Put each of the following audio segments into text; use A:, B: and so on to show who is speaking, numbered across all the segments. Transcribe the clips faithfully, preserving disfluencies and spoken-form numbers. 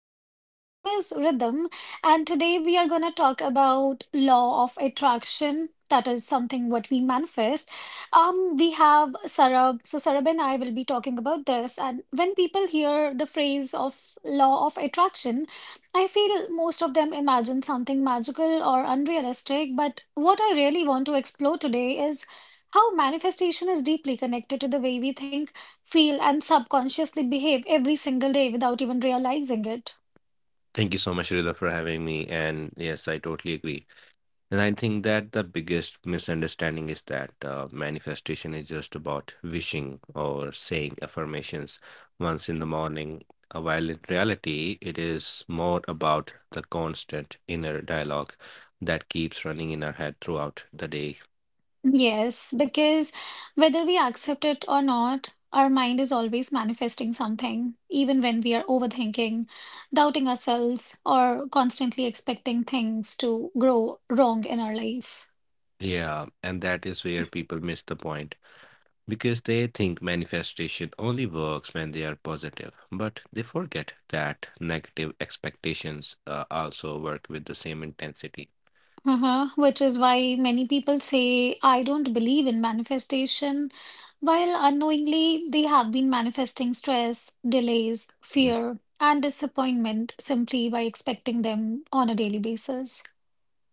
A: podcast. My name is Rhythm, and today we are going to talk about law of attraction. That is something what we manifest. Um, we have Sarab. So Sarab and I will be talking about this. And when people hear the phrase of law of attraction, I feel most of them imagine something magical or unrealistic. But what I really want to explore today is how manifestation is deeply connected to the way we think feel, and subconsciously behave every single day without even realizing it.
B: Thank you so much, Rila, for having me. And yes, I totally agree. And I think that the biggest misunderstanding is that uh, manifestation is just about wishing or saying affirmations once in the morning, uh, while in reality, it is more about the constant inner dialogue that keeps running in our head throughout the day.
A: Yes, because whether we accept it or not, our mind is always manifesting something, even when we are overthinking, doubting ourselves, or constantly expecting things to grow wrong in our life.
B: Yeah, and that is where people miss the point. because they think manifestation only works when they are positive, but they forget that negative expectations uh, also work with the same intensity.
A: Uh-huh, which is why many people say, I don't believe in manifestation, while unknowingly they have been manifesting stress, delays,
B: Mm.
A: fear, and disappointment simply by expecting them on a daily basis.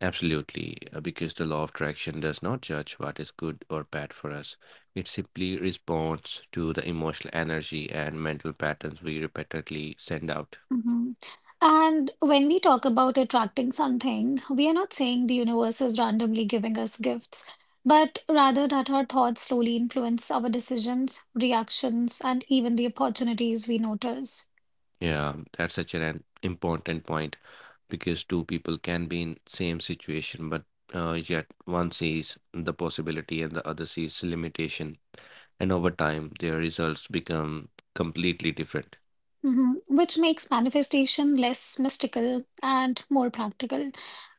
B: Absolutely, uh, because the law of attraction does not judge what is good or bad for us. It simply responds to the emotional energy and mental patterns we repeatedly send out.
A: Mhm. And when we talk about attracting something, we are not saying the universe is randomly giving us gifts, but rather that our thoughts slowly influence our decisions, reactions, and even the opportunities we notice.
B: Yeah, that's such an important point because two people can be in same situation, but uh, yet one sees the possibility and the other sees limitation, and over time their results become completely different.
A: Mhm. Which makes manifestation less mystical and more practical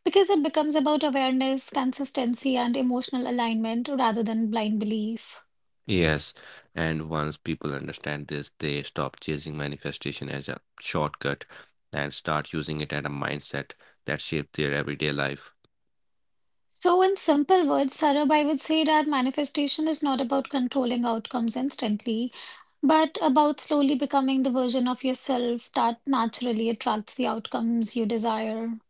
A: because it becomes about awareness, consistency, and emotional alignment rather than blind belief.
B: Yes, and once people understand this, they stop chasing manifestation as a shortcut and start using it as a mindset that shapes their everyday life.
A: So, in simple words, Sarab, I would say that manifestation is not about controlling outcomes instantly, but about slowly becoming the version of yourself that naturally attracts the outcomes you desire.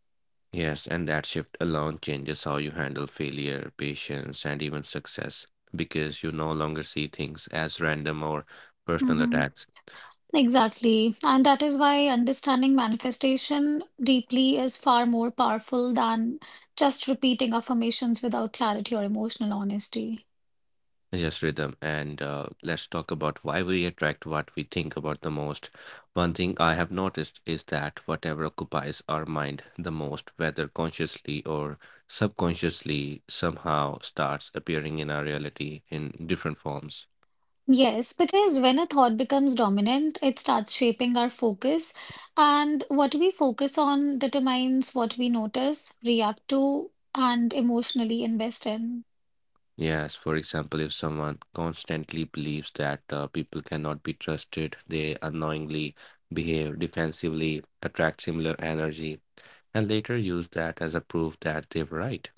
B: Yes, and that shift alone changes how you handle failure, patience, and even success because you no longer see things as random or personal
A: Mm-hmm.
B: attacks,
A: Exactly. And that is why understanding manifestation deeply is far more powerful than just repeating affirmations without clarity or emotional honesty.
B: just rhythm. And uh, let's talk about why we attract what we think about the most. One thing I have noticed is that whatever occupies our mind the most, whether consciously or subconsciously, somehow starts appearing in our reality in different forms.
A: Yes, because when a thought becomes dominant, it starts shaping our focus, and what we focus on determines what we notice, react to, and emotionally invest in.
B: Yes, for example, if someone constantly believes that uh, people cannot be trusted, they unknowingly behave defensively, attract similar energy, and later use that as a proof that they were right.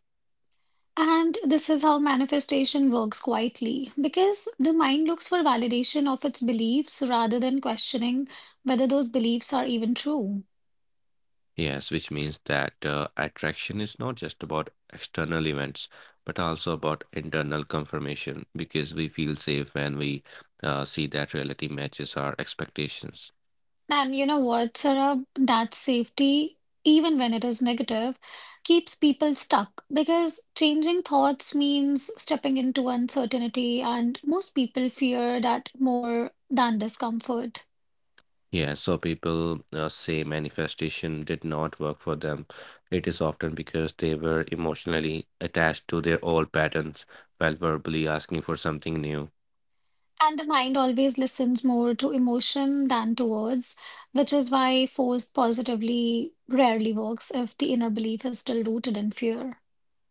A: And this is how manifestation works quietly, because the mind looks for validation of its beliefs rather than questioning whether those beliefs are even true.
B: Yes, which means that uh, attraction is not just about external events, but also about internal confirmation, because we feel safe when we uh, see that reality matches our expectations.
A: And you know what, Sarah, that safety, even when it is negative, keeps people stuck because changing thoughts means stepping into uncertainty, and most people fear that more than discomfort.
B: Yeah, so people uh, say manifestation did not work for them. It is often because they were emotionally attached to their old patterns while verbally asking for something new.
A: And the mind always listens more to emotion than to words, which is why forced positively rarely works if the inner belief is still rooted in fear.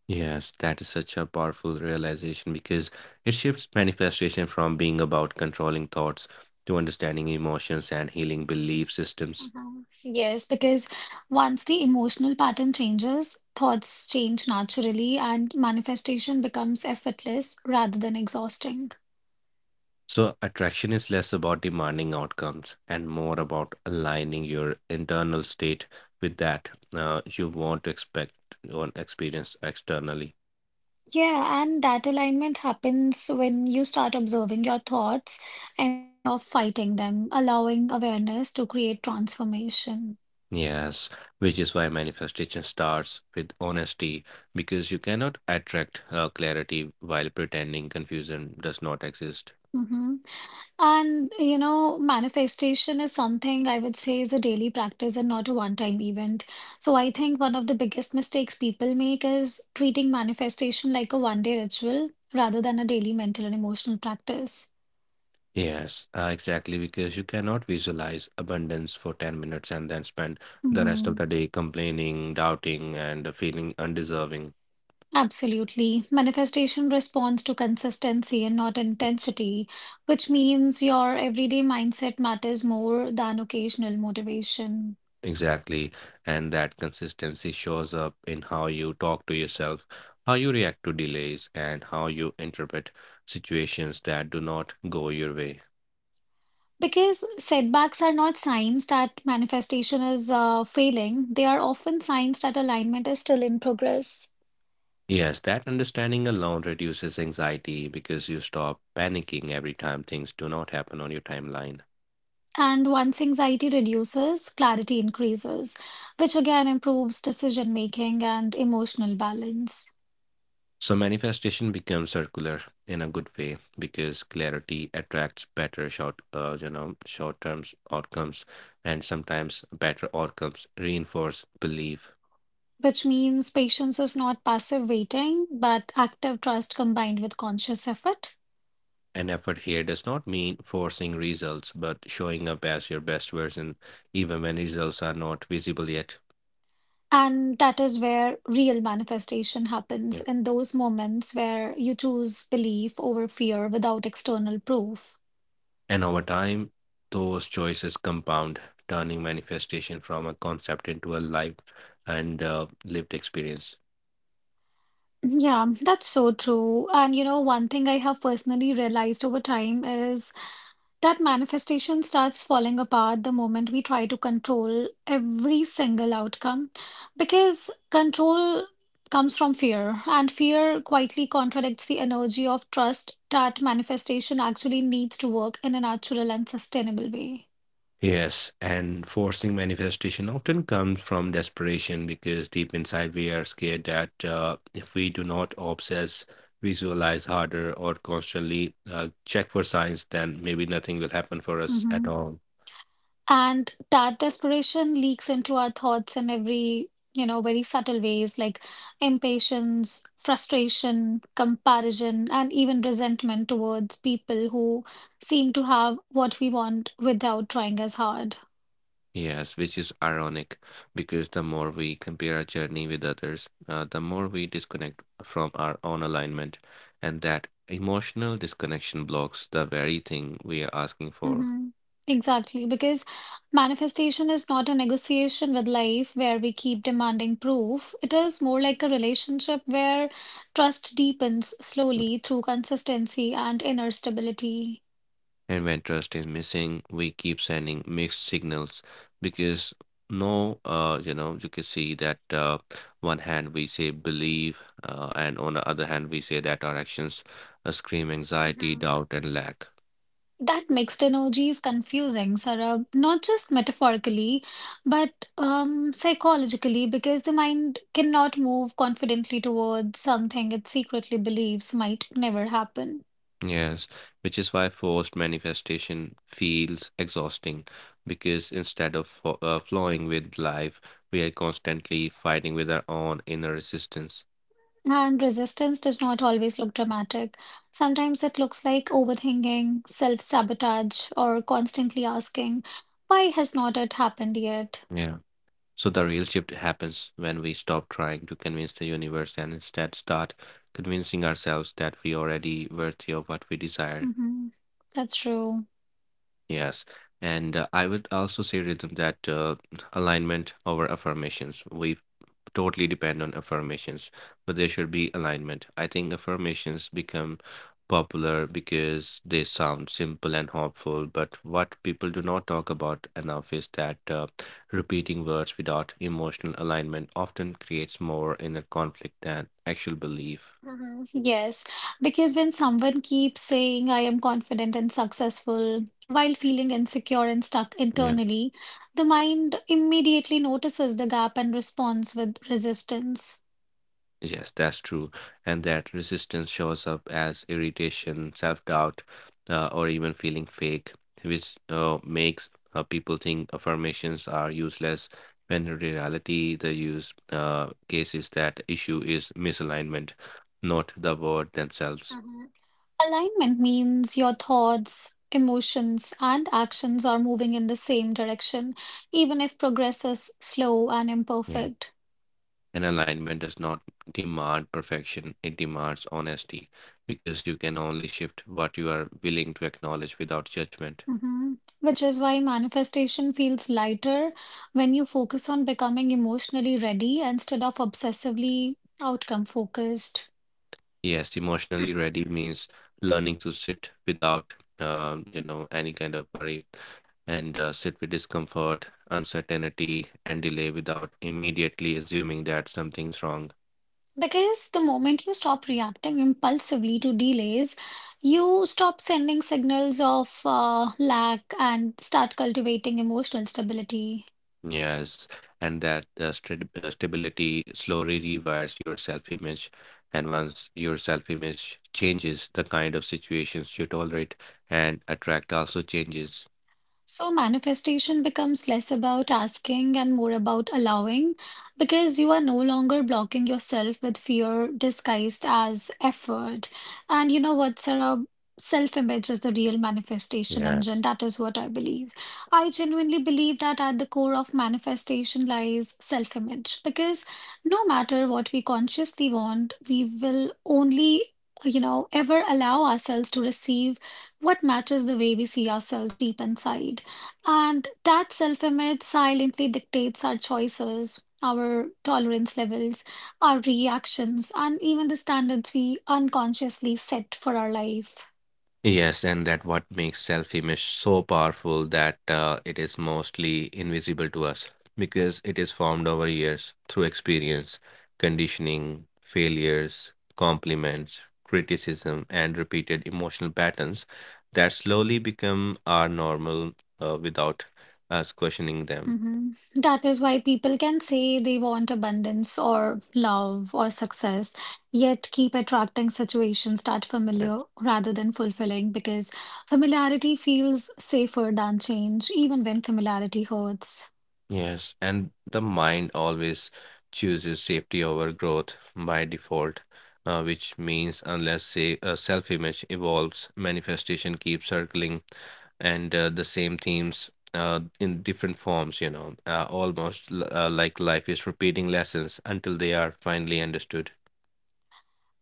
B: Yes, that is such a powerful realization because it shifts manifestation from being about controlling thoughts to understanding emotions and healing belief systems.
A: Mhm. Yes, because once the emotional pattern changes, thoughts change naturally and manifestation becomes effortless rather than exhausting.
B: So, attraction is less about demanding outcomes and more about aligning your internal state with that uh, you want to expect or experience externally.
A: Yeah, and that alignment happens when you start observing your thoughts instead of fighting them, allowing awareness to create transformation.
B: Yes, which is why manifestation starts with honesty because you cannot attract uh, clarity while pretending confusion does not exist.
A: Mhm. And, you know, manifestation is something I would say is a daily practice and not a one-time event. So I think one of the biggest mistakes people make is treating manifestation like a one-day ritual rather than a daily mental and emotional practice.
B: Yes, uh, exactly because you cannot visualize abundance for ten minutes and then spend the rest of
A: Mhm.
B: the day complaining, doubting, and feeling undeserving.
A: Absolutely. Manifestation responds to consistency and not intensity, which means your everyday mindset matters more than occasional motivation.
B: Exactly. And that consistency shows up in how you talk to yourself, how you react to delays, and how you interpret situations that do not go your way.
A: Because setbacks are not signs that manifestation is uh, failing, they are often signs that alignment is still in progress.
B: Yes, that understanding alone reduces anxiety because you stop panicking every time things do not happen on your timeline.
A: And once anxiety reduces, clarity increases, which again improves decision making and emotional balance.
B: So, manifestation becomes circular in a good way because clarity attracts better short, uh, you know, short-term outcomes, and sometimes better outcomes reinforce belief.
A: Which means patience is not passive waiting, but active trust combined with conscious effort.
B: An effort here does not mean forcing results, but showing up as your best version, even when results are not visible yet.
A: And that is where real manifestation happens
B: Yeah.
A: in those moments where you choose belief over fear without external proof.
B: And over time, those choices compound, turning manifestation from a concept into a live and uh, lived experience.
A: Yeah, that's so true. And you know, one thing I have personally realized over time is that manifestation starts falling apart the moment we try to control every single outcome because control comes from fear, and fear quietly contradicts the energy of trust that manifestation actually needs to work in a natural and sustainable way.
B: Yes, and forcing manifestation often comes from desperation because deep inside we are scared that uh, if we do not obsess, visualize harder, or constantly uh, check for signs, then maybe nothing will happen for us
A: Mm-hmm.
B: at all.
A: And that desperation leaks into our thoughts in every, you know, very subtle ways like impatience, frustration, comparison, and even resentment towards people who seem to have what we want without trying as hard.
B: Yes, which is ironic because the more we compare our journey with others, uh, the more we disconnect from our own alignment, and that emotional disconnection blocks the very thing we are asking for.
A: Hmm. Exactly, because manifestation is not a negotiation with life where we keep demanding proof. It is more like a relationship where trust deepens slowly through consistency and inner stability.
B: And when trust is missing, we keep sending mixed signals because no, uh, you know, you can see that uh, one hand we say believe, uh, and on the other hand we say that our actions uh, scream anxiety,
A: Mhm.
B: doubt, and lack.
A: That mixed energy is confusing, Sarab, not just metaphorically, but um, psychologically, because the mind cannot move confidently towards something it secretly believes might never happen.
B: Yes, which is why forced manifestation feels exhausting because instead of fo- uh, flowing with life, we are constantly fighting with our own inner resistance.
A: And resistance does not always look dramatic. Sometimes it looks like overthinking, self-sabotage, or constantly asking, why has not it happened yet?
B: Yeah. So the real shift happens when we stop trying to convince the universe and instead start convincing ourselves that we already worthy of what we desire.
A: Hmm. That's true.
B: Yes. And uh, I would also say, Rhythm, that uh, alignment over affirmations. We totally depend on affirmations, but there should be alignment. I think affirmations become popular because they sound simple and hopeful, but what people do not talk about enough is that uh, repeating words without emotional alignment often creates more inner conflict than actual belief.
A: Mhm. Yes, because when someone keeps saying, I am confident and successful, while feeling insecure and stuck internally, the mind immediately notices the gap and responds with resistance.
B: Yes, that's true. And that resistance shows up as irritation, self doubt, uh, or even feeling fake, which uh, makes uh, people think affirmations are useless when in reality, the use uh, case is that issue is misalignment, not the word themselves.
A: Mhm. Alignment means your thoughts, emotions, and actions are moving in the same direction, even if progress is slow and
B: Yeah.
A: imperfect.
B: And alignment does not demand perfection, it demands honesty because you can only shift what you are willing to acknowledge without judgment.
A: Hmm. Which is why manifestation feels lighter when you focus on becoming emotionally ready instead of obsessively outcome focused.
B: Yes, emotionally ready means learning to sit without, uh, you know, any kind of worry and uh, sit with discomfort, uncertainty, and delay without immediately assuming that something's wrong.
A: Because the moment you stop reacting impulsively to delays, you stop sending signals of uh, lack and start cultivating emotional stability.
B: Yes, and that uh, st- uh, stability slowly rewires your self image. And once your self image changes, the kind of situations you tolerate and attract also changes.
A: So manifestation becomes less about asking and more about allowing because you are no longer blocking yourself with fear disguised as effort. And you know what, Sarah? Self-image is the real manifestation engine.
B: Yes.
A: That is what I believe. I genuinely believe that at the core of manifestation lies self-image because no matter what we consciously want, we will only, you know, ever allow ourselves to receive what matches the way we see ourselves deep inside. And that self image silently dictates our choices, our tolerance levels, our reactions, and even the standards we unconsciously set for our life.
B: Yes, and that what makes self-image so powerful that uh, it is mostly invisible to us because it is formed over years through experience, conditioning, failures, compliments, criticism, and repeated emotional patterns that slowly become our normal uh, without us questioning them.
A: Mhm. That is why people can say they want abundance or love or success, yet keep attracting situations that
B: Yeah.
A: familiar rather than fulfilling because familiarity feels safer than change, even when familiarity hurts.
B: Yes, and the mind always chooses safety over growth by default, uh, which means unless say uh, self-image evolves, manifestation keeps circling and uh, the same themes uh, in different forms, you know, uh, almost l- uh, like life is repeating lessons until they are finally understood.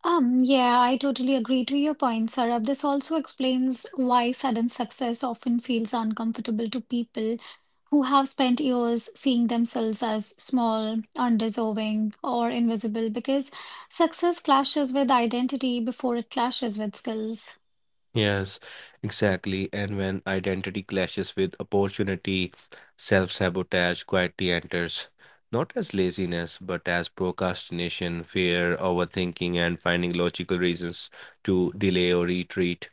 A: Um, yeah, I totally agree to your point, Sarab. This also explains why sudden success often feels uncomfortable to people who have spent years seeing themselves as small, undeserving, or invisible, because success clashes with identity before it clashes with skills.
B: Yes, exactly. And when identity clashes with opportunity, self-sabotage quietly enters, not as laziness, but as procrastination, fear, overthinking, and finding logical reasons to delay or retreat.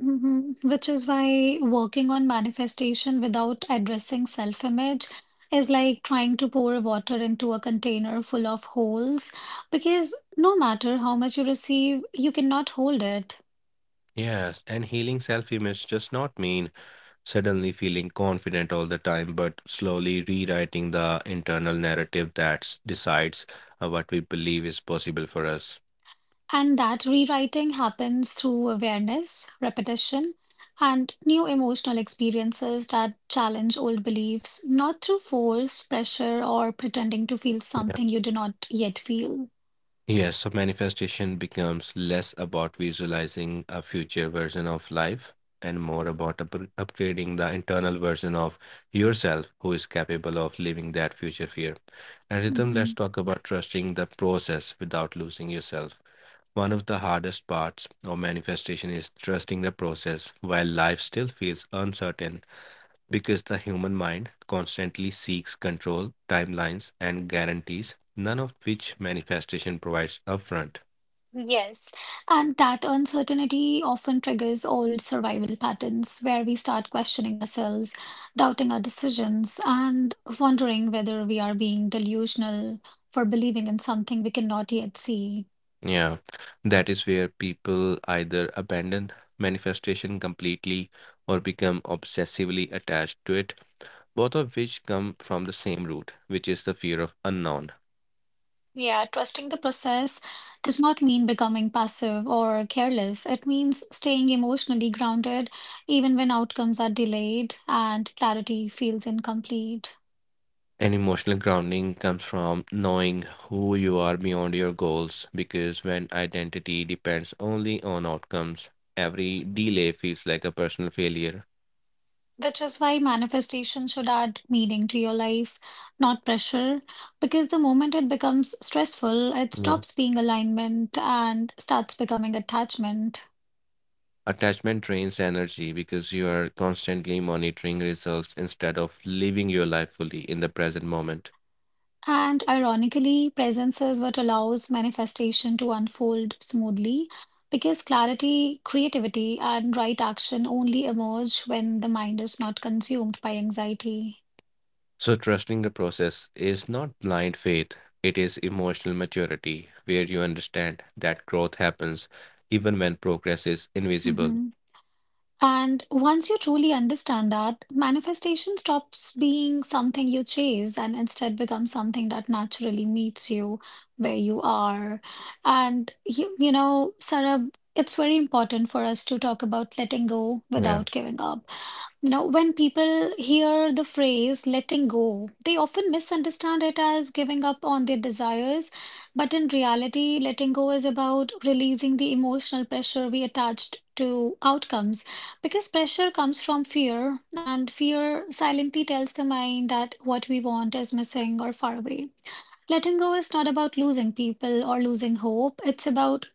A: Hmm. Which is why working on manifestation without addressing self-image is like trying to pour water into a container full of holes, because no matter how much you receive, you cannot hold it.
B: Yes, and healing self-image does not mean suddenly feeling confident all the time, but slowly rewriting the internal narrative that decides uh, what we believe is possible for us.
A: And that rewriting happens through awareness, repetition, and new emotional experiences that challenge old beliefs, not through force, pressure, or pretending to feel something you do not yet feel.
B: Yes, so manifestation becomes less about visualizing a future version of life and more about up- upgrading the internal version of yourself who is capable of living that future fear. And rhythm,
A: Mm-hmm.
B: let's talk about trusting the process without losing yourself. One of the hardest parts of manifestation is trusting the process while life still feels uncertain because the human mind constantly seeks control, timelines, and guarantees, none of which manifestation provides upfront.
A: Yes, and that uncertainty often triggers old survival patterns where we start questioning ourselves, doubting our decisions, and wondering whether we are being delusional for believing in something we cannot yet see.
B: Yeah, that is where people either abandon manifestation completely or become obsessively attached to it, both of which come from the same root, which is the fear of unknown.
A: Yeah, trusting the process does not mean becoming passive or careless. It means staying emotionally grounded even when outcomes are delayed and clarity feels incomplete.
B: And emotional grounding comes from knowing who you are beyond your goals because when identity depends only on outcomes, every delay feels like a personal failure.
A: Which is why manifestation should add meaning to your life, not pressure. Because the moment it becomes stressful, it
B: Yeah.
A: stops being alignment and starts becoming attachment.
B: Attachment drains energy because you are constantly monitoring results instead of living your life fully in the present moment.
A: And ironically, presence is what allows manifestation to unfold smoothly because clarity, creativity, and right action only emerge when the mind is not consumed by anxiety.
B: So, trusting the process is not blind faith, it is emotional maturity where you understand that growth happens even when progress is invisible.
A: Mhm. And once you truly understand that, manifestation stops being something you chase and instead becomes something that naturally meets you where you are. And you, you know, Sarab, it's very important for us to talk about letting go
B: Yeah.
A: without giving up. You know, when people hear the phrase letting go, they often misunderstand it as giving up on their desires. But in reality, letting go is about releasing the emotional pressure we attached to outcomes. Because pressure comes from fear, and fear silently tells the mind that what we want is missing or far away. Letting go is not about losing people or losing hope, it's about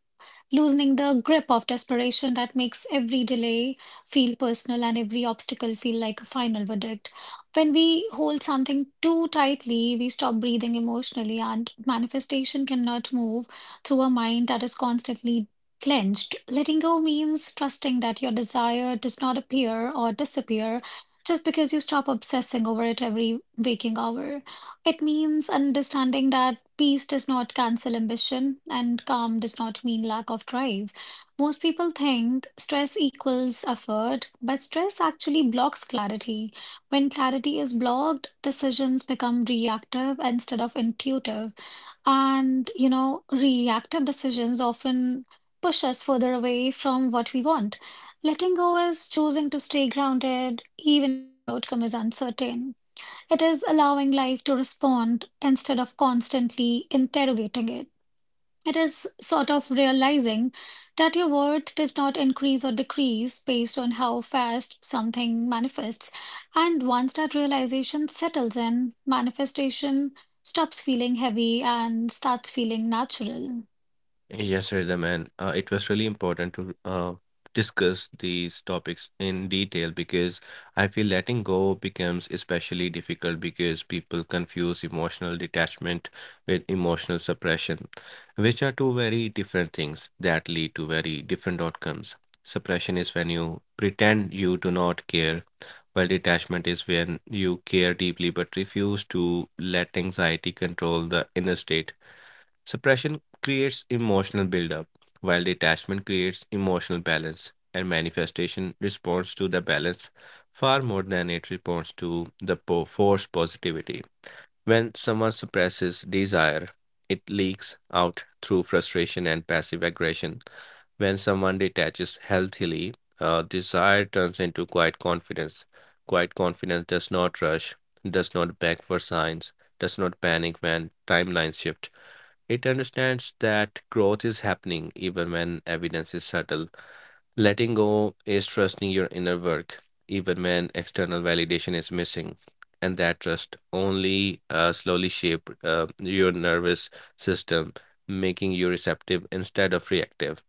A: loosening the grip of desperation that makes every delay feel personal and every obstacle feel like a final verdict. When we hold something too tightly, we stop breathing emotionally, and manifestation cannot move through a mind that is constantly clenched. Letting go means trusting that your desire does not appear or disappear just because you stop obsessing over it every waking hour. It means understanding that peace does not cancel ambition and calm does not mean lack of drive. Most people think stress equals effort, but stress actually blocks clarity. When clarity is blocked, decisions become reactive instead of intuitive. And, you know, reactive decisions often push us further away from what we want. Letting go is choosing to stay grounded even when the outcome is uncertain. It is allowing life to respond instead of constantly interrogating it. It is sort of realizing that your worth does not increase or decrease based on how fast something manifests. And once that realization settles in, manifestation stops feeling heavy and starts feeling natural.
B: Yes, Rhythm, and uh, it was really important to uh, discuss these topics in detail because I feel letting go becomes especially difficult because people confuse emotional detachment with emotional suppression, which are two very different things that lead to very different outcomes. Suppression is when you pretend you do not care, while detachment is when you care deeply but refuse to let anxiety control the inner state. Suppression creates emotional buildup, while detachment creates emotional balance, and manifestation responds to the balance far more than it responds to the po- forced positivity. When someone suppresses desire, it leaks out through frustration and passive aggression. When someone detaches healthily, uh, desire turns into quiet confidence. Quiet confidence does not rush, does not beg for signs, does not panic when timelines shift it understands that growth is happening even when evidence is subtle. Letting go is trusting your inner work even when external validation is missing. And that trust only uh, slowly shape uh, your nervous system, making you receptive instead of reactive.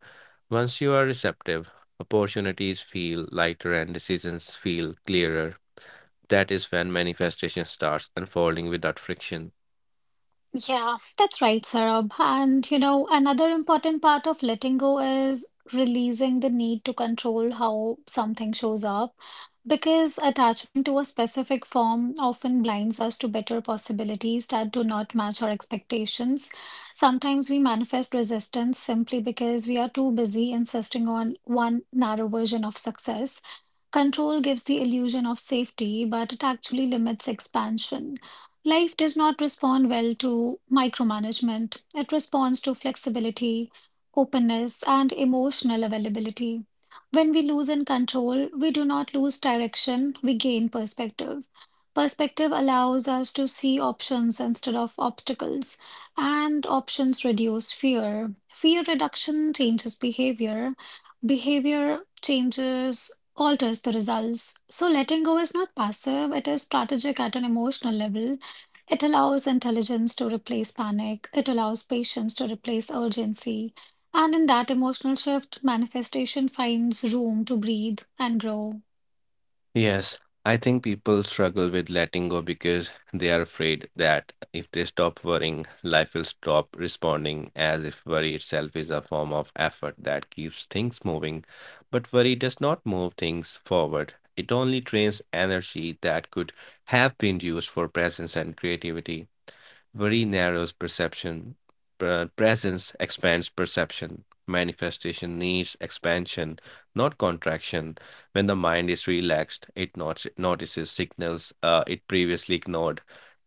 B: Once you are receptive, opportunities feel lighter and decisions feel clearer. That is when manifestation starts unfolding without friction.
A: Yeah, that's right, Sarab. And you know, another important part of letting go is releasing the need to control how something shows up, because attachment to a specific form often blinds us to better possibilities that do not match our expectations. Sometimes we manifest resistance simply because we are too busy insisting on one narrow version of success. Control gives the illusion of safety, but it actually limits expansion. Life does not respond well to micromanagement. It responds to flexibility, openness, and emotional availability. When we lose in control, we do not lose direction, we gain perspective. Perspective allows us to see options instead of obstacles, and options reduce fear. Fear reduction changes behavior, behavior changes alters the results. So letting go is not passive, it is strategic at an emotional level. It allows intelligence to replace panic, it allows patience to replace urgency. And in that emotional shift, manifestation finds room to breathe and grow.
B: Yes, I think people struggle with letting go because they are afraid that if they stop worrying, life will stop responding, as if worry itself is a form of effort that keeps things moving. But worry does not move things forward, it only drains energy that could have been used for presence and creativity. Worry narrows perception. Pre- Presence expands perception. Manifestation needs expansion, not contraction. When the mind is relaxed, it not- notices signals uh, it previously ignored.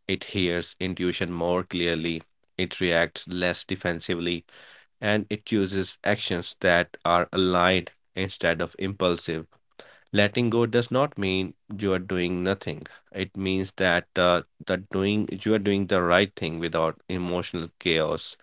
B: It hears intuition more clearly. It reacts less defensively. And it chooses actions that are aligned instead of impulsive. Letting go does not mean you are doing nothing. It means that uh, that doing you are doing the right thing without emotional chaos.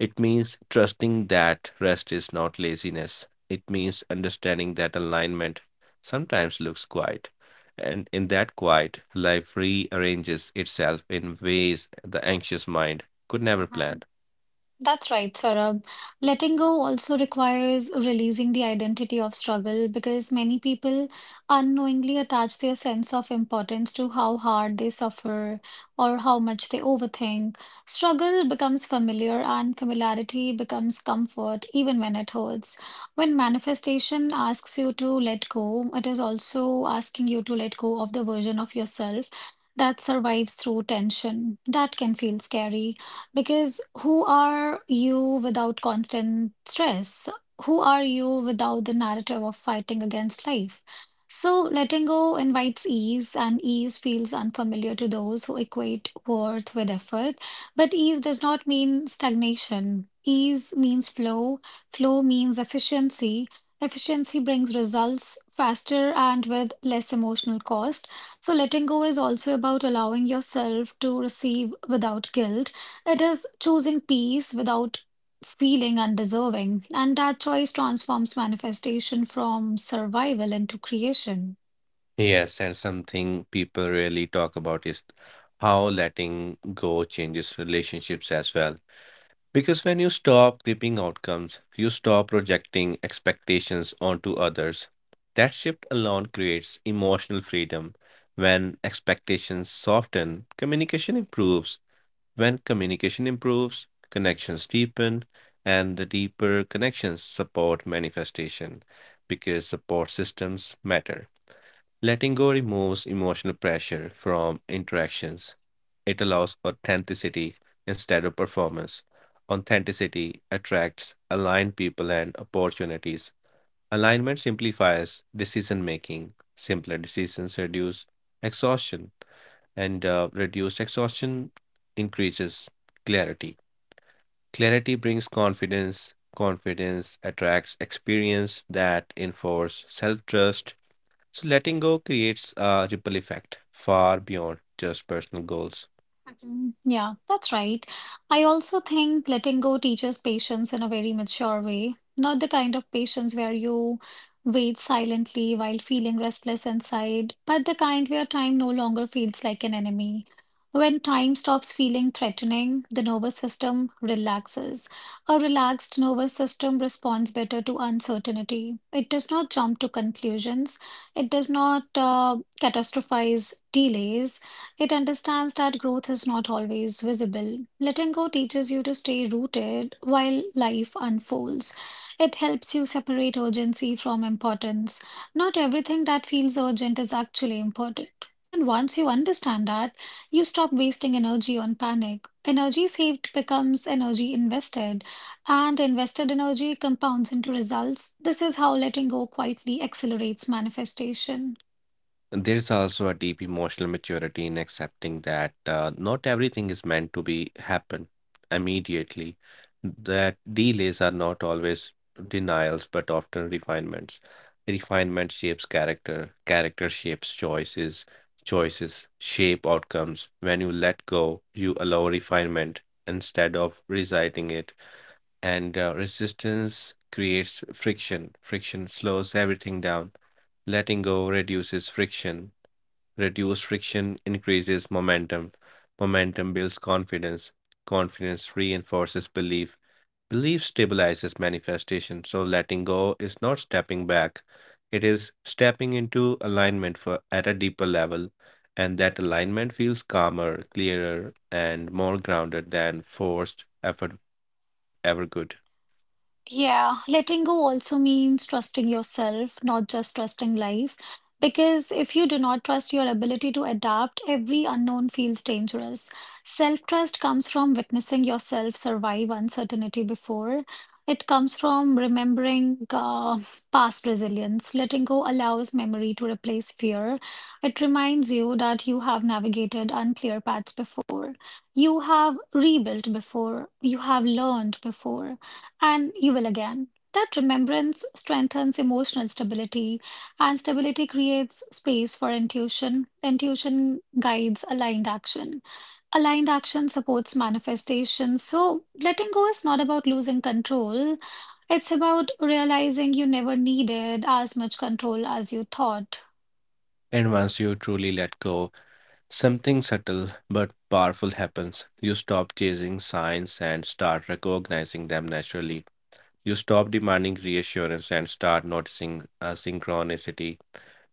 B: It means trusting that rest is not laziness. It means understanding that alignment sometimes looks quiet, and in that quiet life rearranges itself in ways the anxious mind could never plan.
A: Mhm. That's right, Saurabh. Letting go also requires releasing the identity of struggle because many people unknowingly attach their sense of importance to how hard they suffer or how much they overthink. Struggle becomes familiar and familiarity becomes comfort, even when it hurts. When manifestation asks you to let go, it is also asking you to let go of the version of yourself that survives through tension. That can feel scary. Because who are you without constant stress? Who are you without the narrative of fighting against life? So, letting go invites ease, and ease feels unfamiliar to those who equate worth with effort. But ease does not mean stagnation. Ease means flow, flow means efficiency. Efficiency brings results faster and with less emotional cost. So, letting go is also about allowing yourself to receive without guilt. It is choosing peace without feeling undeserving, and that choice transforms manifestation from survival into creation.
B: Yes, and something people really talk about is how letting go changes relationships as well. Because when you stop gripping outcomes, you stop projecting expectations onto others. That shift alone creates emotional freedom. When expectations soften, communication improves. When communication improves, connections deepen, and the deeper connections support manifestation because support systems matter. Letting go removes emotional pressure from interactions. It allows authenticity instead of performance. Authenticity attracts aligned people and opportunities. Alignment simplifies decision making. Simpler decisions reduce exhaustion, and uh, reduced exhaustion increases clarity. Clarity brings confidence. Confidence attracts experience that enforces self trust. So letting go creates a ripple effect far beyond just personal goals.
A: Mm, yeah, that's right. I also think letting go teaches patience in a very mature way, not the kind of patience where you wait silently while feeling restless inside, but the kind where time no longer feels like an enemy. When time stops feeling threatening, the nervous system relaxes. A relaxed nervous system responds better to uncertainty. It does not jump to conclusions. It does not uh, catastrophize delays. It understands that growth is not always visible. Letting go teaches you to stay rooted while life unfolds. It helps you separate urgency from importance. Not everything that feels urgent is actually important. And once you understand that, you stop wasting energy on panic. Energy saved becomes energy invested, and invested energy compounds into results. This is how letting go quietly accelerates manifestation.
B: And there's also a deep emotional maturity in accepting that uh, not everything is meant to be happen immediately. That delays are not always denials, but often refinements. Refinement shapes character. Character shapes choices. Choices shape outcomes. When you let go, you allow refinement instead of reciting it, and uh, resistance creates friction. Friction slows everything down. Letting go reduces friction. Reduced friction increases momentum. Momentum builds confidence. Confidence reinforces belief. Belief stabilizes manifestation. So letting go is not stepping back. It is stepping into alignment for at a deeper level. And that alignment feels calmer, clearer, and more grounded than forced effort ever could.
A: Yeah, letting go also means trusting yourself, not just trusting life. Because if you do not trust your ability to adapt, every unknown feels dangerous. Self-trust comes from witnessing yourself survive uncertainty before. It comes from remembering uh, past resilience. Letting go allows memory to replace fear. It reminds you that you have navigated unclear paths before. You have rebuilt before. You have learned before and you will again. That remembrance strengthens emotional stability, and stability creates space for intuition. Intuition guides aligned action. Aligned action supports manifestation. So, letting go is not about losing control, it's about realizing you never needed as much control as you thought.
B: And once you truly let go, something subtle but powerful happens. You stop chasing signs and start recognizing them naturally. You stop demanding reassurance and start noticing uh, synchronicity.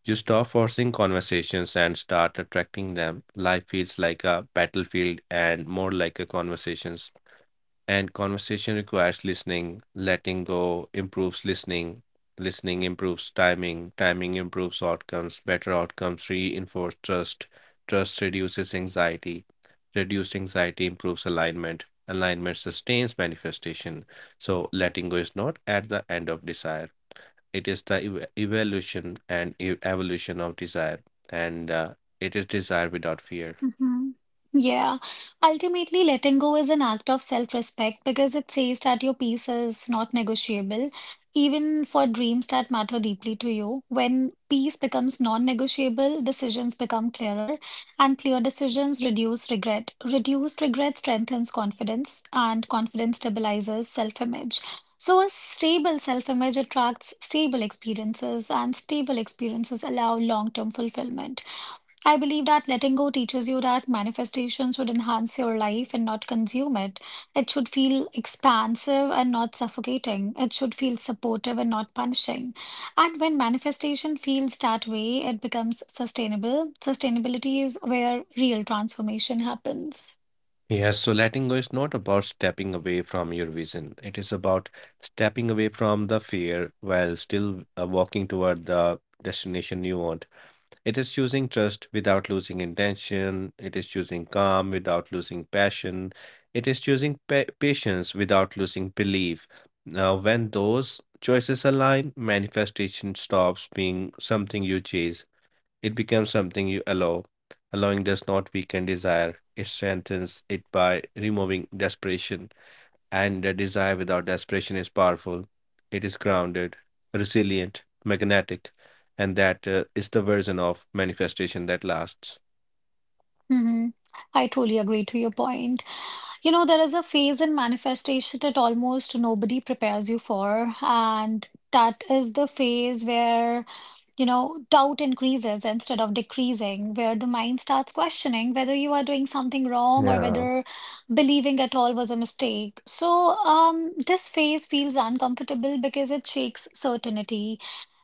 B: You stop forcing conversations and start attracting them. Life feels like a battlefield and more like a conversation, and conversation requires listening. Letting go improves listening. Listening improves timing. Timing improves outcomes. Better outcomes reinforce trust. Trust reduces anxiety. Reduced anxiety improves alignment. Alignment sustains manifestation. So, letting go is not at the end of desire, it is the ev- evolution and e- evolution of desire. And uh, it is desire without fear.
A: Hmm. Yeah. Ultimately, letting go is an act of self-respect because it says that your peace is not negotiable, even for dreams that matter deeply to you. When peace becomes non-negotiable, decisions become clearer, and clear decisions reduce regret. Reduced regret strengthens confidence, and confidence stabilizes self-image. So, a stable self-image attracts stable experiences, and stable experiences allow long-term fulfillment. I believe that letting go teaches you that manifestation should enhance your life and not consume it. It should feel expansive and not suffocating. It should feel supportive and not punishing. And when manifestation feels that way, it becomes sustainable. Sustainability is where real transformation happens.
B: Yes, so letting go is not about stepping away from your vision. It is about stepping away from the fear while still uh, walking toward the destination you want. It is choosing trust without losing intention. It is choosing calm without losing passion. It is choosing pa patience without losing belief. Now, when those choices align, manifestation stops being something you chase it becomes something you allow. Allowing does not weaken desire, it strengthens it by removing desperation. And the desire without desperation is powerful. It is grounded, resilient, magnetic, and that uh, is the version of manifestation that lasts.
A: Hmm. I totally agree to your point. You know, there is a phase in manifestation that almost nobody prepares you for, and that is the phase where, you know, doubt increases instead of decreasing, where the mind starts questioning whether you are doing something wrong or
B: Yeah,
A: whether believing at all was a mistake. So, um, this phase feels uncomfortable because it shakes certainty.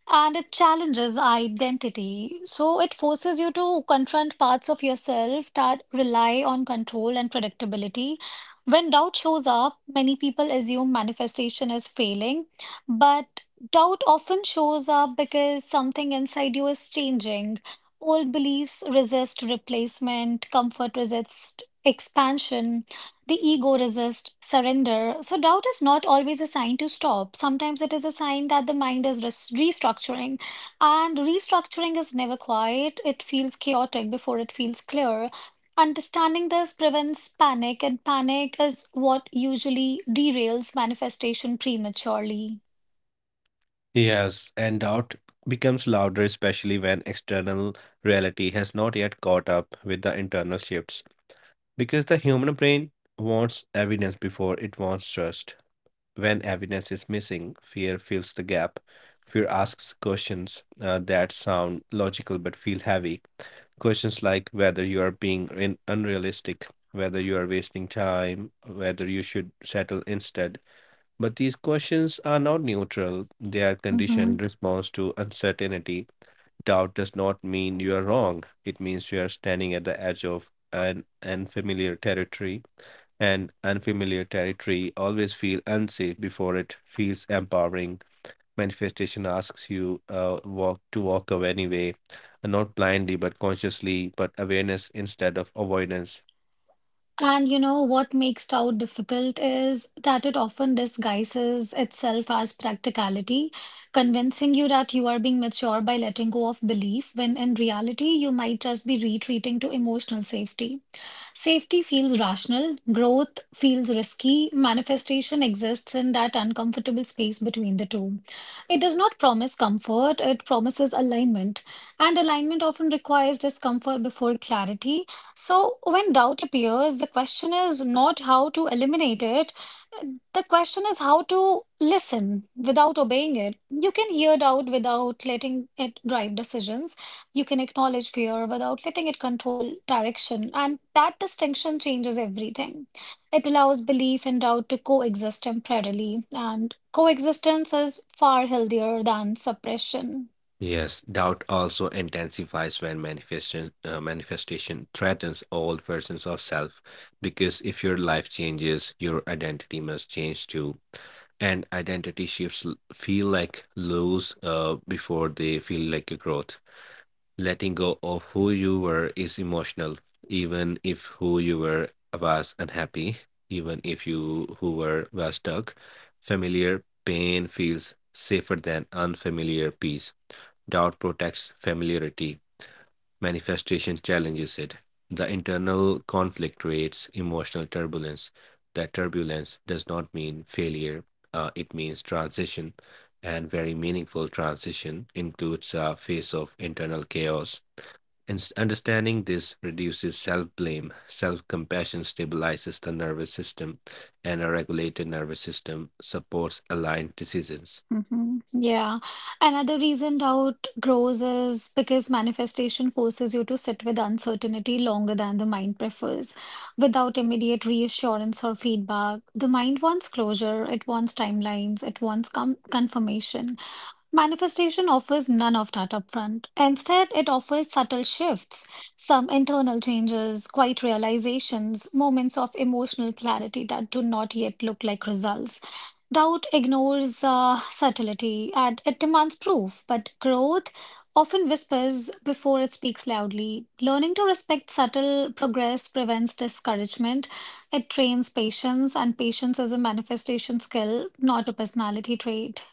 A: And it challenges identity. So it forces you to confront parts of yourself that rely on control and predictability. When doubt shows up, many people assume manifestation is failing, but doubt often shows up because something inside you is changing. Old beliefs resist replacement, comfort resists expansion. The ego resists surrender. So, doubt is not always a sign to stop. Sometimes it is a sign that the mind is res- restructuring. And restructuring is never quiet, it feels chaotic before it feels clear. Understanding this prevents panic, and panic is what usually derails manifestation prematurely.
B: Yes, and doubt becomes louder, especially when external reality has not yet caught up with the internal shifts. Because the human brain wants evidence before it wants trust. When evidence is missing, fear fills the gap. Fear asks questions uh, that sound logical but feel heavy. Questions like whether you are being in unrealistic, whether you are wasting time, whether you should settle instead. But these questions are not neutral. They are conditioned response to uncertainty. Doubt does not mean you are wrong. It means you are standing at the edge of an unfamiliar territory, and unfamiliar territory always feels unsafe before it feels empowering. Manifestation asks you uh, walk to walk away anyway, uh, not blindly but consciously, but awareness instead of avoidance.
A: And you know what makes Tao difficult is that it often disguises itself as practicality, convincing you that you are being mature by letting go of belief, when in reality you might just be retreating to emotional safety. Safety feels rational, growth feels risky, manifestation exists in that uncomfortable space between the two. It does not promise comfort, it promises alignment. And alignment often requires discomfort before clarity. So, when doubt appears, the question is not how to eliminate it, the question is how to listen without obeying it. You can hear doubt without letting it drive decisions, you can acknowledge fear without letting it control direction, and that distinction changes everything. It allows belief and doubt to coexist temporarily, and coexistence is far healthier than suppression.
B: Yes, doubt also intensifies when manifestation uh, manifestation threatens old versions of self, because if your life changes, your identity must change too. And identity shifts l- feel like lows uh, before they feel like a growth. Letting go of who you were is emotional, even if who you were was unhappy, even if you who were was stuck. Familiar pain feels safer than unfamiliar peace. Doubt protects familiarity, manifestation challenges it. The internal conflict creates emotional turbulence. That turbulence does not mean failure, uh, it means transition, and very meaningful transition includes a phase of internal chaos. And understanding this reduces self blame, self compassion stabilizes the nervous system, and a regulated nervous system supports aligned decisions.
A: Hmm. Yeah. Another reason doubt grows is because manifestation forces you to sit with uncertainty longer than the mind prefers. Without immediate reassurance or feedback, the mind wants closure, it wants timelines, it wants com confirmation. Manifestation offers none of that upfront. Instead, it offers subtle shifts, some internal changes, quiet realizations, moments of emotional clarity that do not yet look like results. Doubt ignores uh, subtlety and it demands proof, but growth often whispers before it speaks loudly. Learning to respect subtle progress prevents discouragement. It trains patience, and patience is a manifestation skill, not a personality trait.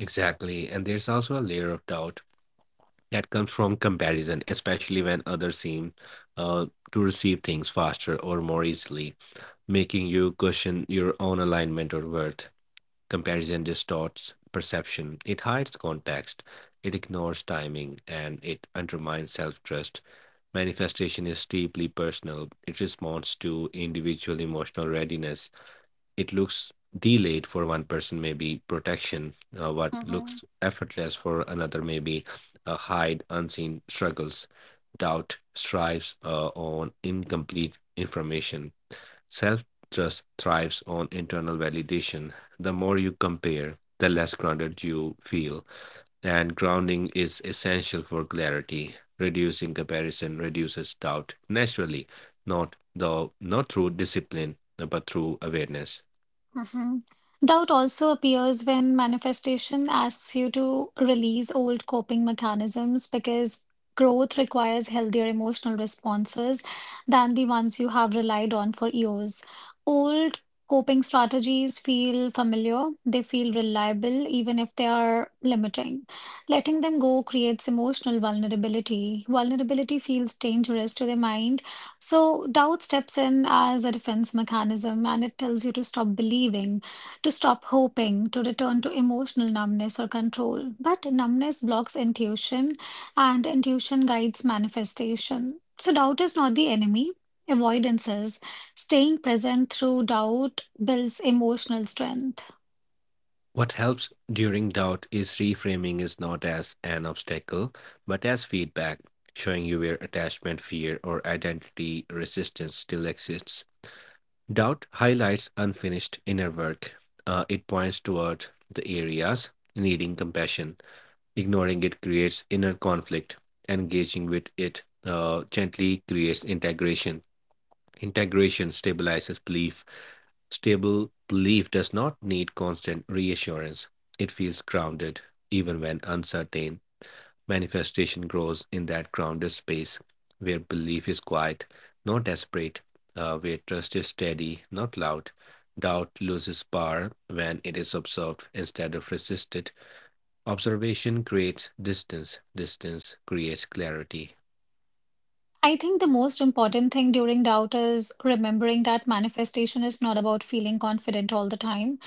B: Exactly. And there's also a layer of doubt that comes from comparison, especially when others seem uh, to receive things faster or more easily, making you question your own alignment or worth. Comparison distorts perception, it hides context, it ignores timing, and it undermines self trust. Manifestation is deeply personal, it responds to individual emotional readiness. It looks delayed for one person maybe protection, uh, what looks effortless for another maybe uh, hide unseen struggles. Doubt strives uh, on incomplete information, self trust thrives on internal validation. The more you compare the less grounded you feel, and grounding is essential for clarity. Reducing comparison reduces doubt naturally, not though not through discipline but through awareness.
A: Hmm. Doubt also appears when manifestation asks you to release old coping mechanisms because growth requires healthier emotional responses than the ones you have relied on for years. Old coping strategies feel familiar, they feel reliable, even if they are limiting. Letting them go creates emotional vulnerability. Vulnerability feels dangerous to the mind, so doubt steps in as a defense mechanism and it tells you to stop believing, to stop hoping, to return to emotional numbness or control. But numbness blocks intuition and intuition guides manifestation. So doubt is not the enemy. Avoidance is. Staying present through doubt builds emotional strength.
B: What helps during doubt is reframing is not as an obstacle, but as feedback, showing you where attachment, fear, or identity resistance still exists. Doubt highlights unfinished inner work. Uh, it points toward the areas needing compassion. Ignoring it creates inner conflict. Engaging with it uh, gently creates integration. Integration stabilizes belief. Stable belief does not need constant reassurance. It feels grounded, even when uncertain. Manifestation grows in that grounded space where belief is quiet, not desperate, uh, where trust is steady, not loud. Doubt loses power when it is observed instead of resisted. Observation creates distance, distance creates clarity.
A: I think the most important thing during doubt is remembering that manifestation is not about feeling confident all the time,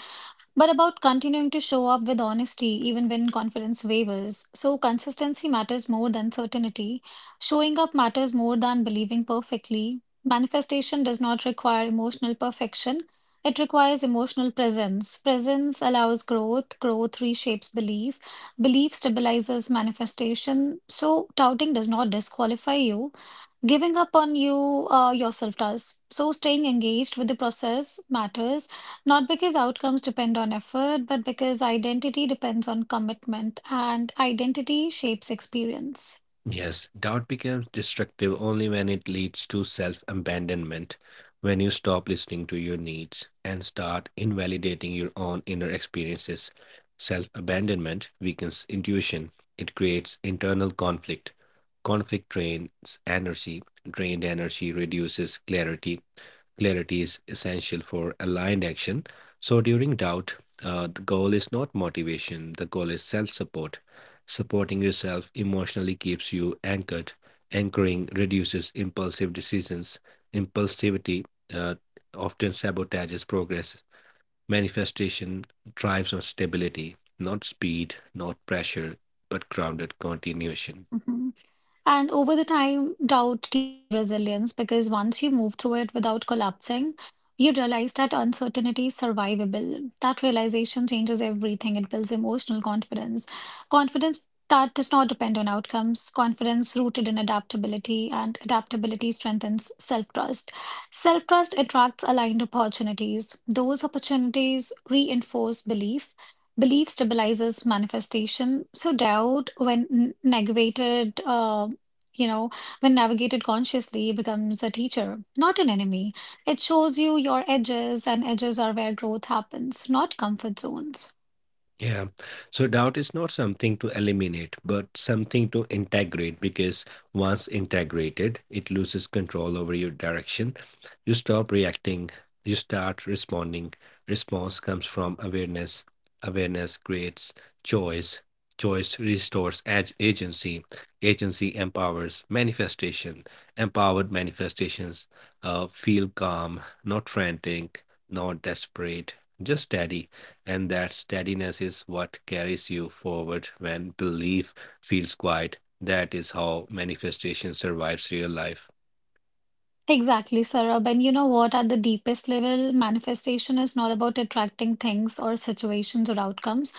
A: but about continuing to show up with honesty even when confidence wavers. So, consistency matters more than certainty. Showing up matters more than believing perfectly. Manifestation does not require emotional perfection, it requires emotional presence. Presence allows growth, growth reshapes belief, belief stabilizes manifestation. So, touting does not disqualify you. Giving up on you uh, yourself does. So staying engaged with the process matters, not because outcomes depend on effort, but because identity depends on commitment and identity shapes experience.
B: Yes, doubt becomes destructive only when it leads to self abandonment, when you stop listening to your needs and start invalidating your own inner experiences. Self abandonment weakens intuition, it creates internal conflict. Conflict drains energy, drained energy reduces clarity. Clarity is essential for aligned action. So during doubt, uh, the goal is not motivation, the goal is self support. Supporting yourself emotionally keeps you anchored. Anchoring reduces impulsive decisions. Impulsivity uh, often sabotages progress. Manifestation thrives on stability, not speed, not pressure, but grounded continuation.
A: Mhm. And over the time, doubt teaches resilience because once you move through it without collapsing, you realize that uncertainty is survivable. That realization changes everything. It builds emotional confidence, confidence that does not depend on outcomes, confidence rooted in adaptability, and adaptability strengthens self-trust. Self-trust attracts aligned opportunities. Those opportunities reinforce belief. Belief stabilizes manifestation. So doubt, when n- negated, uh, you know, when navigated consciously, it becomes a teacher, not an enemy. It shows you your edges, and edges are where growth happens, not comfort zones.
B: Yeah. So doubt is not something to eliminate, but something to integrate because once integrated, it loses control over your direction. You stop reacting, you start responding. Response comes from awareness. Awareness creates choice. Choice restores ag- agency. Agency empowers manifestation. Empowered manifestations uh, feel calm, not frantic, not desperate, just steady, and that steadiness is what carries you forward when belief feels quiet. That is how manifestation survives real life.
A: Exactly, Sarab. And you know what? At the deepest level, manifestation is not about attracting things or situations or outcomes,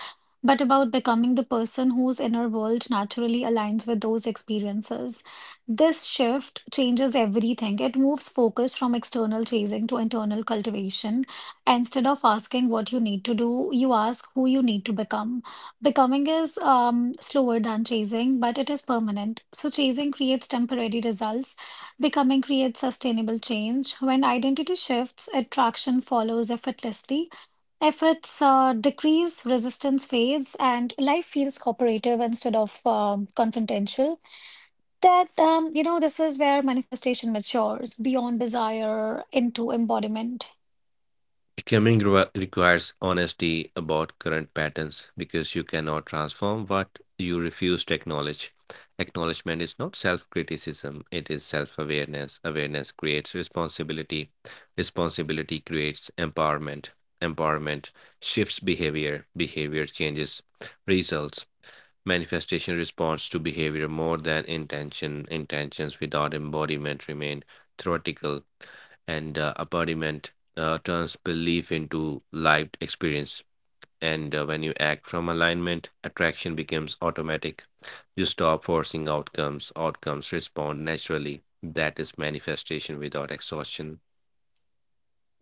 A: but about becoming the person whose inner world naturally aligns with those experiences. This shift changes everything. It moves focus from external chasing to internal cultivation. Instead of asking what you need to do, you ask who you need to become. Becoming is um, slower than chasing, but it is permanent. So, chasing creates temporary results. Becoming creates sustainable change. When identity shifts, attraction follows effortlessly. Efforts uh, decrease, resistance fades, and life feels cooperative instead of um, confrontational. That, um, you know, this is where manifestation matures beyond desire into embodiment.
B: Becoming re- requires honesty about current patterns because you cannot transform what you refuse to acknowledge. Acknowledgement is not self criticism, it is self awareness. Awareness creates responsibility, responsibility creates empowerment. Empowerment shifts behavior, behavior changes results. Manifestation responds to behavior more than intention. Intentions without embodiment remain theoretical, and uh, embodiment uh, turns belief into lived experience. And uh, when you act from alignment, attraction becomes automatic. You stop forcing outcomes, outcomes respond naturally. That is manifestation without exhaustion.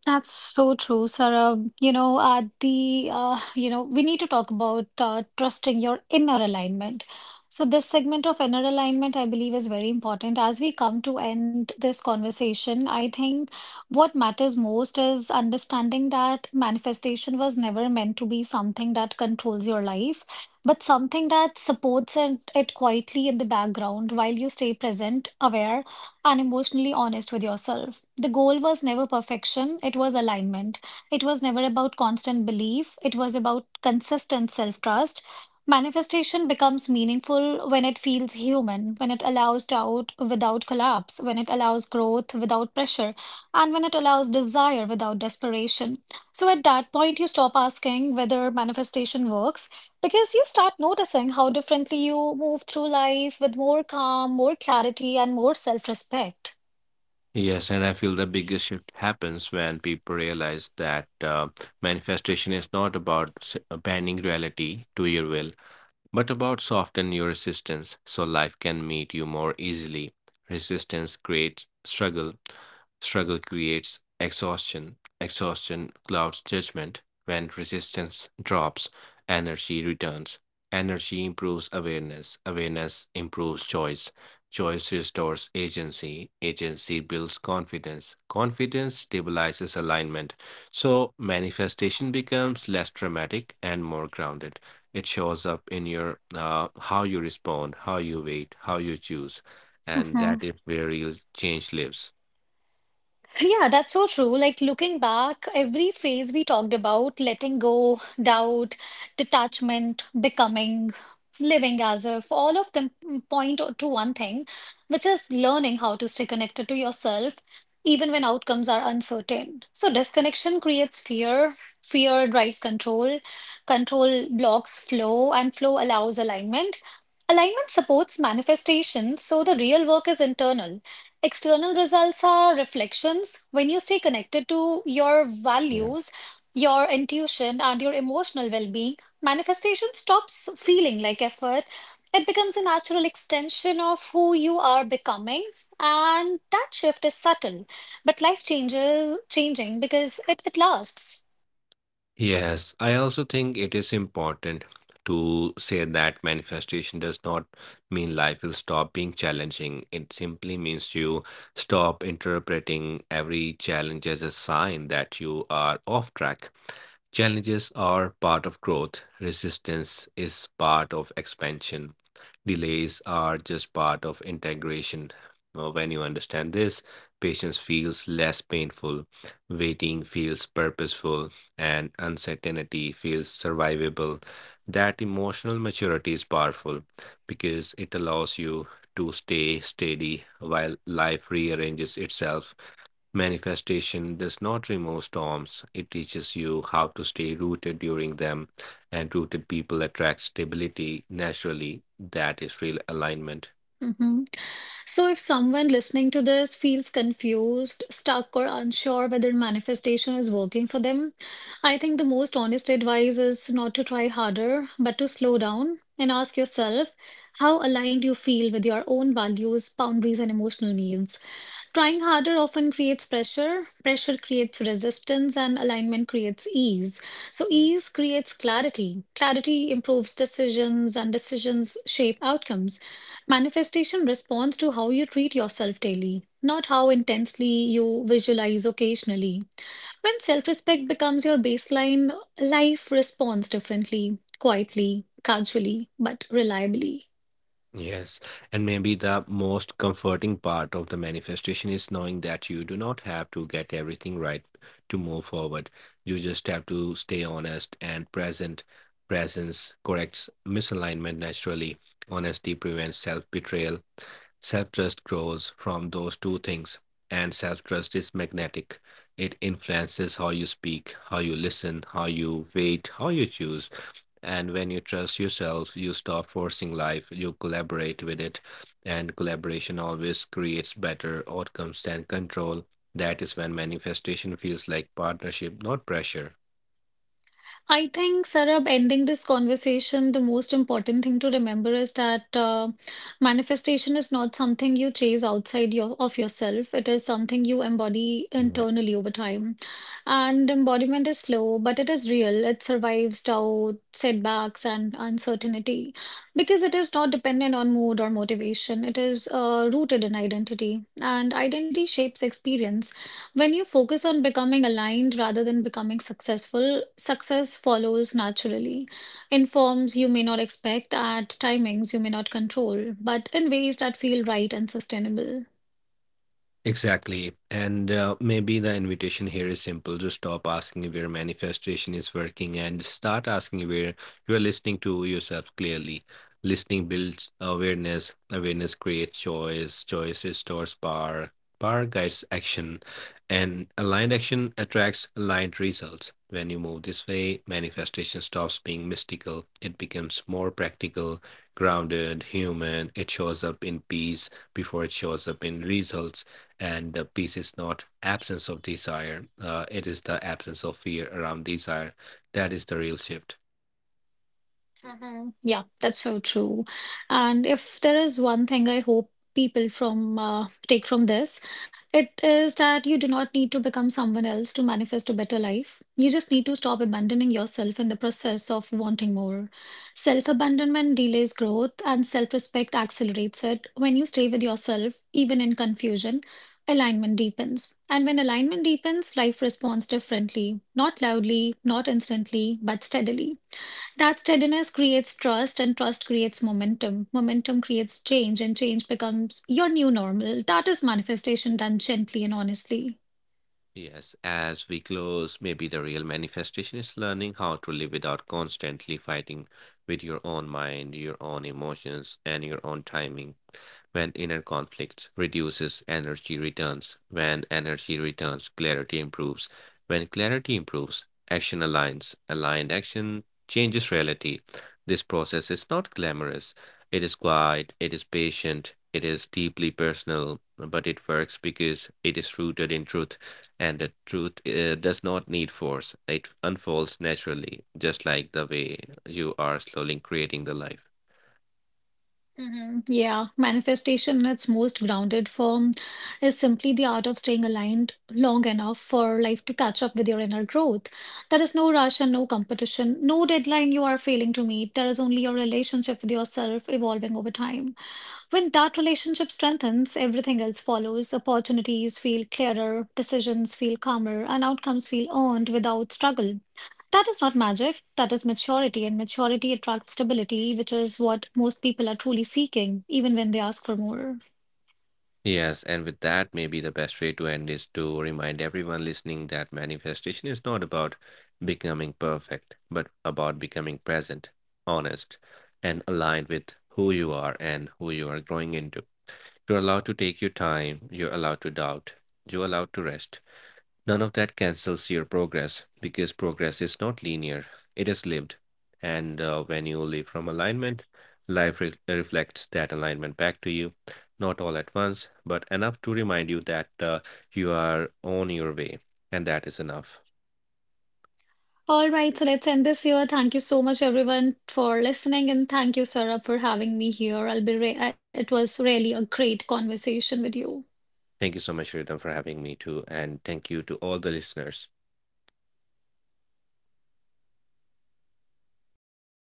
A: That's so true, Sarah. You know, at the uh, you know, we need to talk about uh, trusting your inner alignment. So this segment of inner alignment, I believe, is very important. As we come to end this conversation, I think what matters most is understanding that manifestation was never meant to be something that controls your life, but something that supports it, it quietly in the background while you stay present, aware, and emotionally honest with yourself. The goal was never perfection, it was alignment. It was never about constant belief, it was about consistent self trust. Manifestation becomes meaningful when it feels human, when it allows doubt without collapse, when it allows growth without pressure, and when it allows desire without desperation. So at that point, you stop asking whether manifestation works because you start noticing how differently you move through life with more calm, more clarity, and more self respect.
B: Yes, and I feel the biggest shift happens when people realize that uh, manifestation is not about s- uh, bending reality to your will. But about soften your resistance so life can meet you more easily. Resistance creates struggle. Struggle creates exhaustion. Exhaustion clouds judgment. When resistance drops, energy returns. Energy improves awareness. Awareness improves choice. Choice restores agency. Agency builds confidence. Confidence stabilizes alignment. So manifestation becomes less dramatic and more grounded. It shows up in your uh, how you respond, how you wait, how you choose, and that is where real change lives.
A: Yeah, that's so true. Like looking back, every phase we talked about, letting go, doubt, detachment, becoming, living as if, all of them point to one thing, which is learning how to stay connected to yourself, even when outcomes are uncertain. So disconnection creates fear, fear drives control, control blocks flow, and flow allows alignment. Alignment supports manifestation, so the real work is internal. External results are reflections. When you stay connected to your
B: Yeah.
A: values, your intuition, and your emotional well being, manifestation stops feeling like effort. It becomes a natural extension of who you are becoming. And that shift is subtle, but life changes changing because it, it lasts.
B: Yes, I also think it is important to say that manifestation does not mean life will stop being challenging, it simply means you stop interpreting every challenge as a sign that you are off track. Challenges are part of growth, resistance is part of expansion. Delays are just part of integration. Uh, When you understand this, patience feels less painful, waiting feels purposeful, and uncertainty feels survivable. That emotional maturity is powerful because it allows you to stay steady while life rearranges itself. Manifestation does not remove storms, it teaches you how to stay rooted during them, and rooted people attract stability naturally. That is real alignment.
A: Mhm. So, if someone listening to this feels confused, stuck, or unsure whether manifestation is working for them, I think the most honest advice is not to try harder, but to slow down and ask yourself how aligned you feel with your own values, boundaries, and emotional needs. Trying harder often creates pressure. Pressure creates resistance, and alignment creates ease. So, ease creates clarity. Clarity improves decisions, and decisions shape outcomes. Manifestation responds to how you treat yourself daily, not how intensely you visualize occasionally. When self respect becomes your baseline, life responds differently, quietly, gradually, but reliably.
B: Yes, and maybe the most comforting part of the manifestation is knowing that you do not have to get everything right to move forward. You just have to stay honest and present. Presence corrects misalignment naturally. Honesty prevents self betrayal. Self trust grows from those two things, and self trust is magnetic. It influences how you speak, how you listen, how you wait, how you choose. And when you trust yourself, you stop forcing life, you collaborate with it, and collaboration always creates better outcomes than control. That is when manifestation feels like partnership, not pressure.
A: I think, Sarab, ending this conversation, the most important thing to remember is that uh, manifestation is not something you chase outside your, of yourself. It is something you embody internally over time. And embodiment is slow, but it is real. It survives doubt, setbacks, and uncertainty because it is not dependent on mood or motivation. It is uh, rooted in identity, and identity shapes experience. When you focus on becoming aligned rather than becoming successful, success follows naturally in forms you may not expect, at timings you may not control, but in ways that feel right and sustainable.
B: Exactly. And uh, maybe the invitation here is simple. Just stop asking where manifestation is working and start asking where you are listening to yourself clearly. Listening builds awareness, awareness creates choice, choice restores power, power guides action, and aligned action attracts aligned results. When you move this way, manifestation stops being mystical. It becomes more practical, grounded, human. It shows up in peace before it shows up in results, and the peace is not absence of desire, uh, it is the absence of fear around desire. That is the real shift.
A: Mhm. Yeah, that's so true. And if there is one thing I hope people from uh, take from this, it is that you do not need to become someone else to manifest a better life. You just need to stop abandoning yourself in the process of wanting more. Self-abandonment delays growth, and self-respect accelerates it. When you stay with yourself, even in confusion, alignment deepens. And when alignment deepens, life responds differently, not loudly, not instantly, but steadily. That steadiness creates trust, and trust creates momentum. Momentum creates change, and change becomes your new normal. That is manifestation done gently and honestly.
B: Yes, as we close, maybe the real manifestation is learning how to live without constantly fighting with your own mind, your own emotions, and your own timing. When inner conflict reduces, energy returns. When energy returns, clarity improves. When clarity improves, action aligns. Aligned action changes reality. This process is not glamorous. It is quiet, it is patient, it is deeply personal, but it works because it is rooted in truth. And the truth uh, does not need force. It unfolds naturally, just like the way you are slowly creating the life.
A: Mhm. Yeah, manifestation in its most grounded form is simply the art of staying aligned long enough for life to catch up with your inner growth. There is no rush and no competition, no deadline you are failing to meet. There is only your relationship with yourself evolving over time. When that relationship strengthens, everything else follows. Opportunities feel clearer, decisions feel calmer, and outcomes feel earned without struggle. That is not magic, that is maturity, and maturity attracts stability, which is what most people are truly seeking, even when they ask for more.
B: Yes, and with that, maybe the best way to end is to remind everyone listening that manifestation is not about becoming perfect, but about becoming present, honest, and aligned with who you are and who you are growing into. You're allowed to take your time, you're allowed to doubt, you're allowed to rest. None of that cancels your progress because progress is not linear, it is lived. And uh, when you live from alignment, life re- reflects that alignment back to you, not all at once, but enough to remind you that uh, you are on your way. And that is enough.
A: All right, so let's end this here. Thank you so much, everyone, for listening, and thank you, Sarah, for having me here. I'll be re- it was really a great conversation with you.
B: Thank you so much, Ritam, for having me too. And thank you to all the listeners.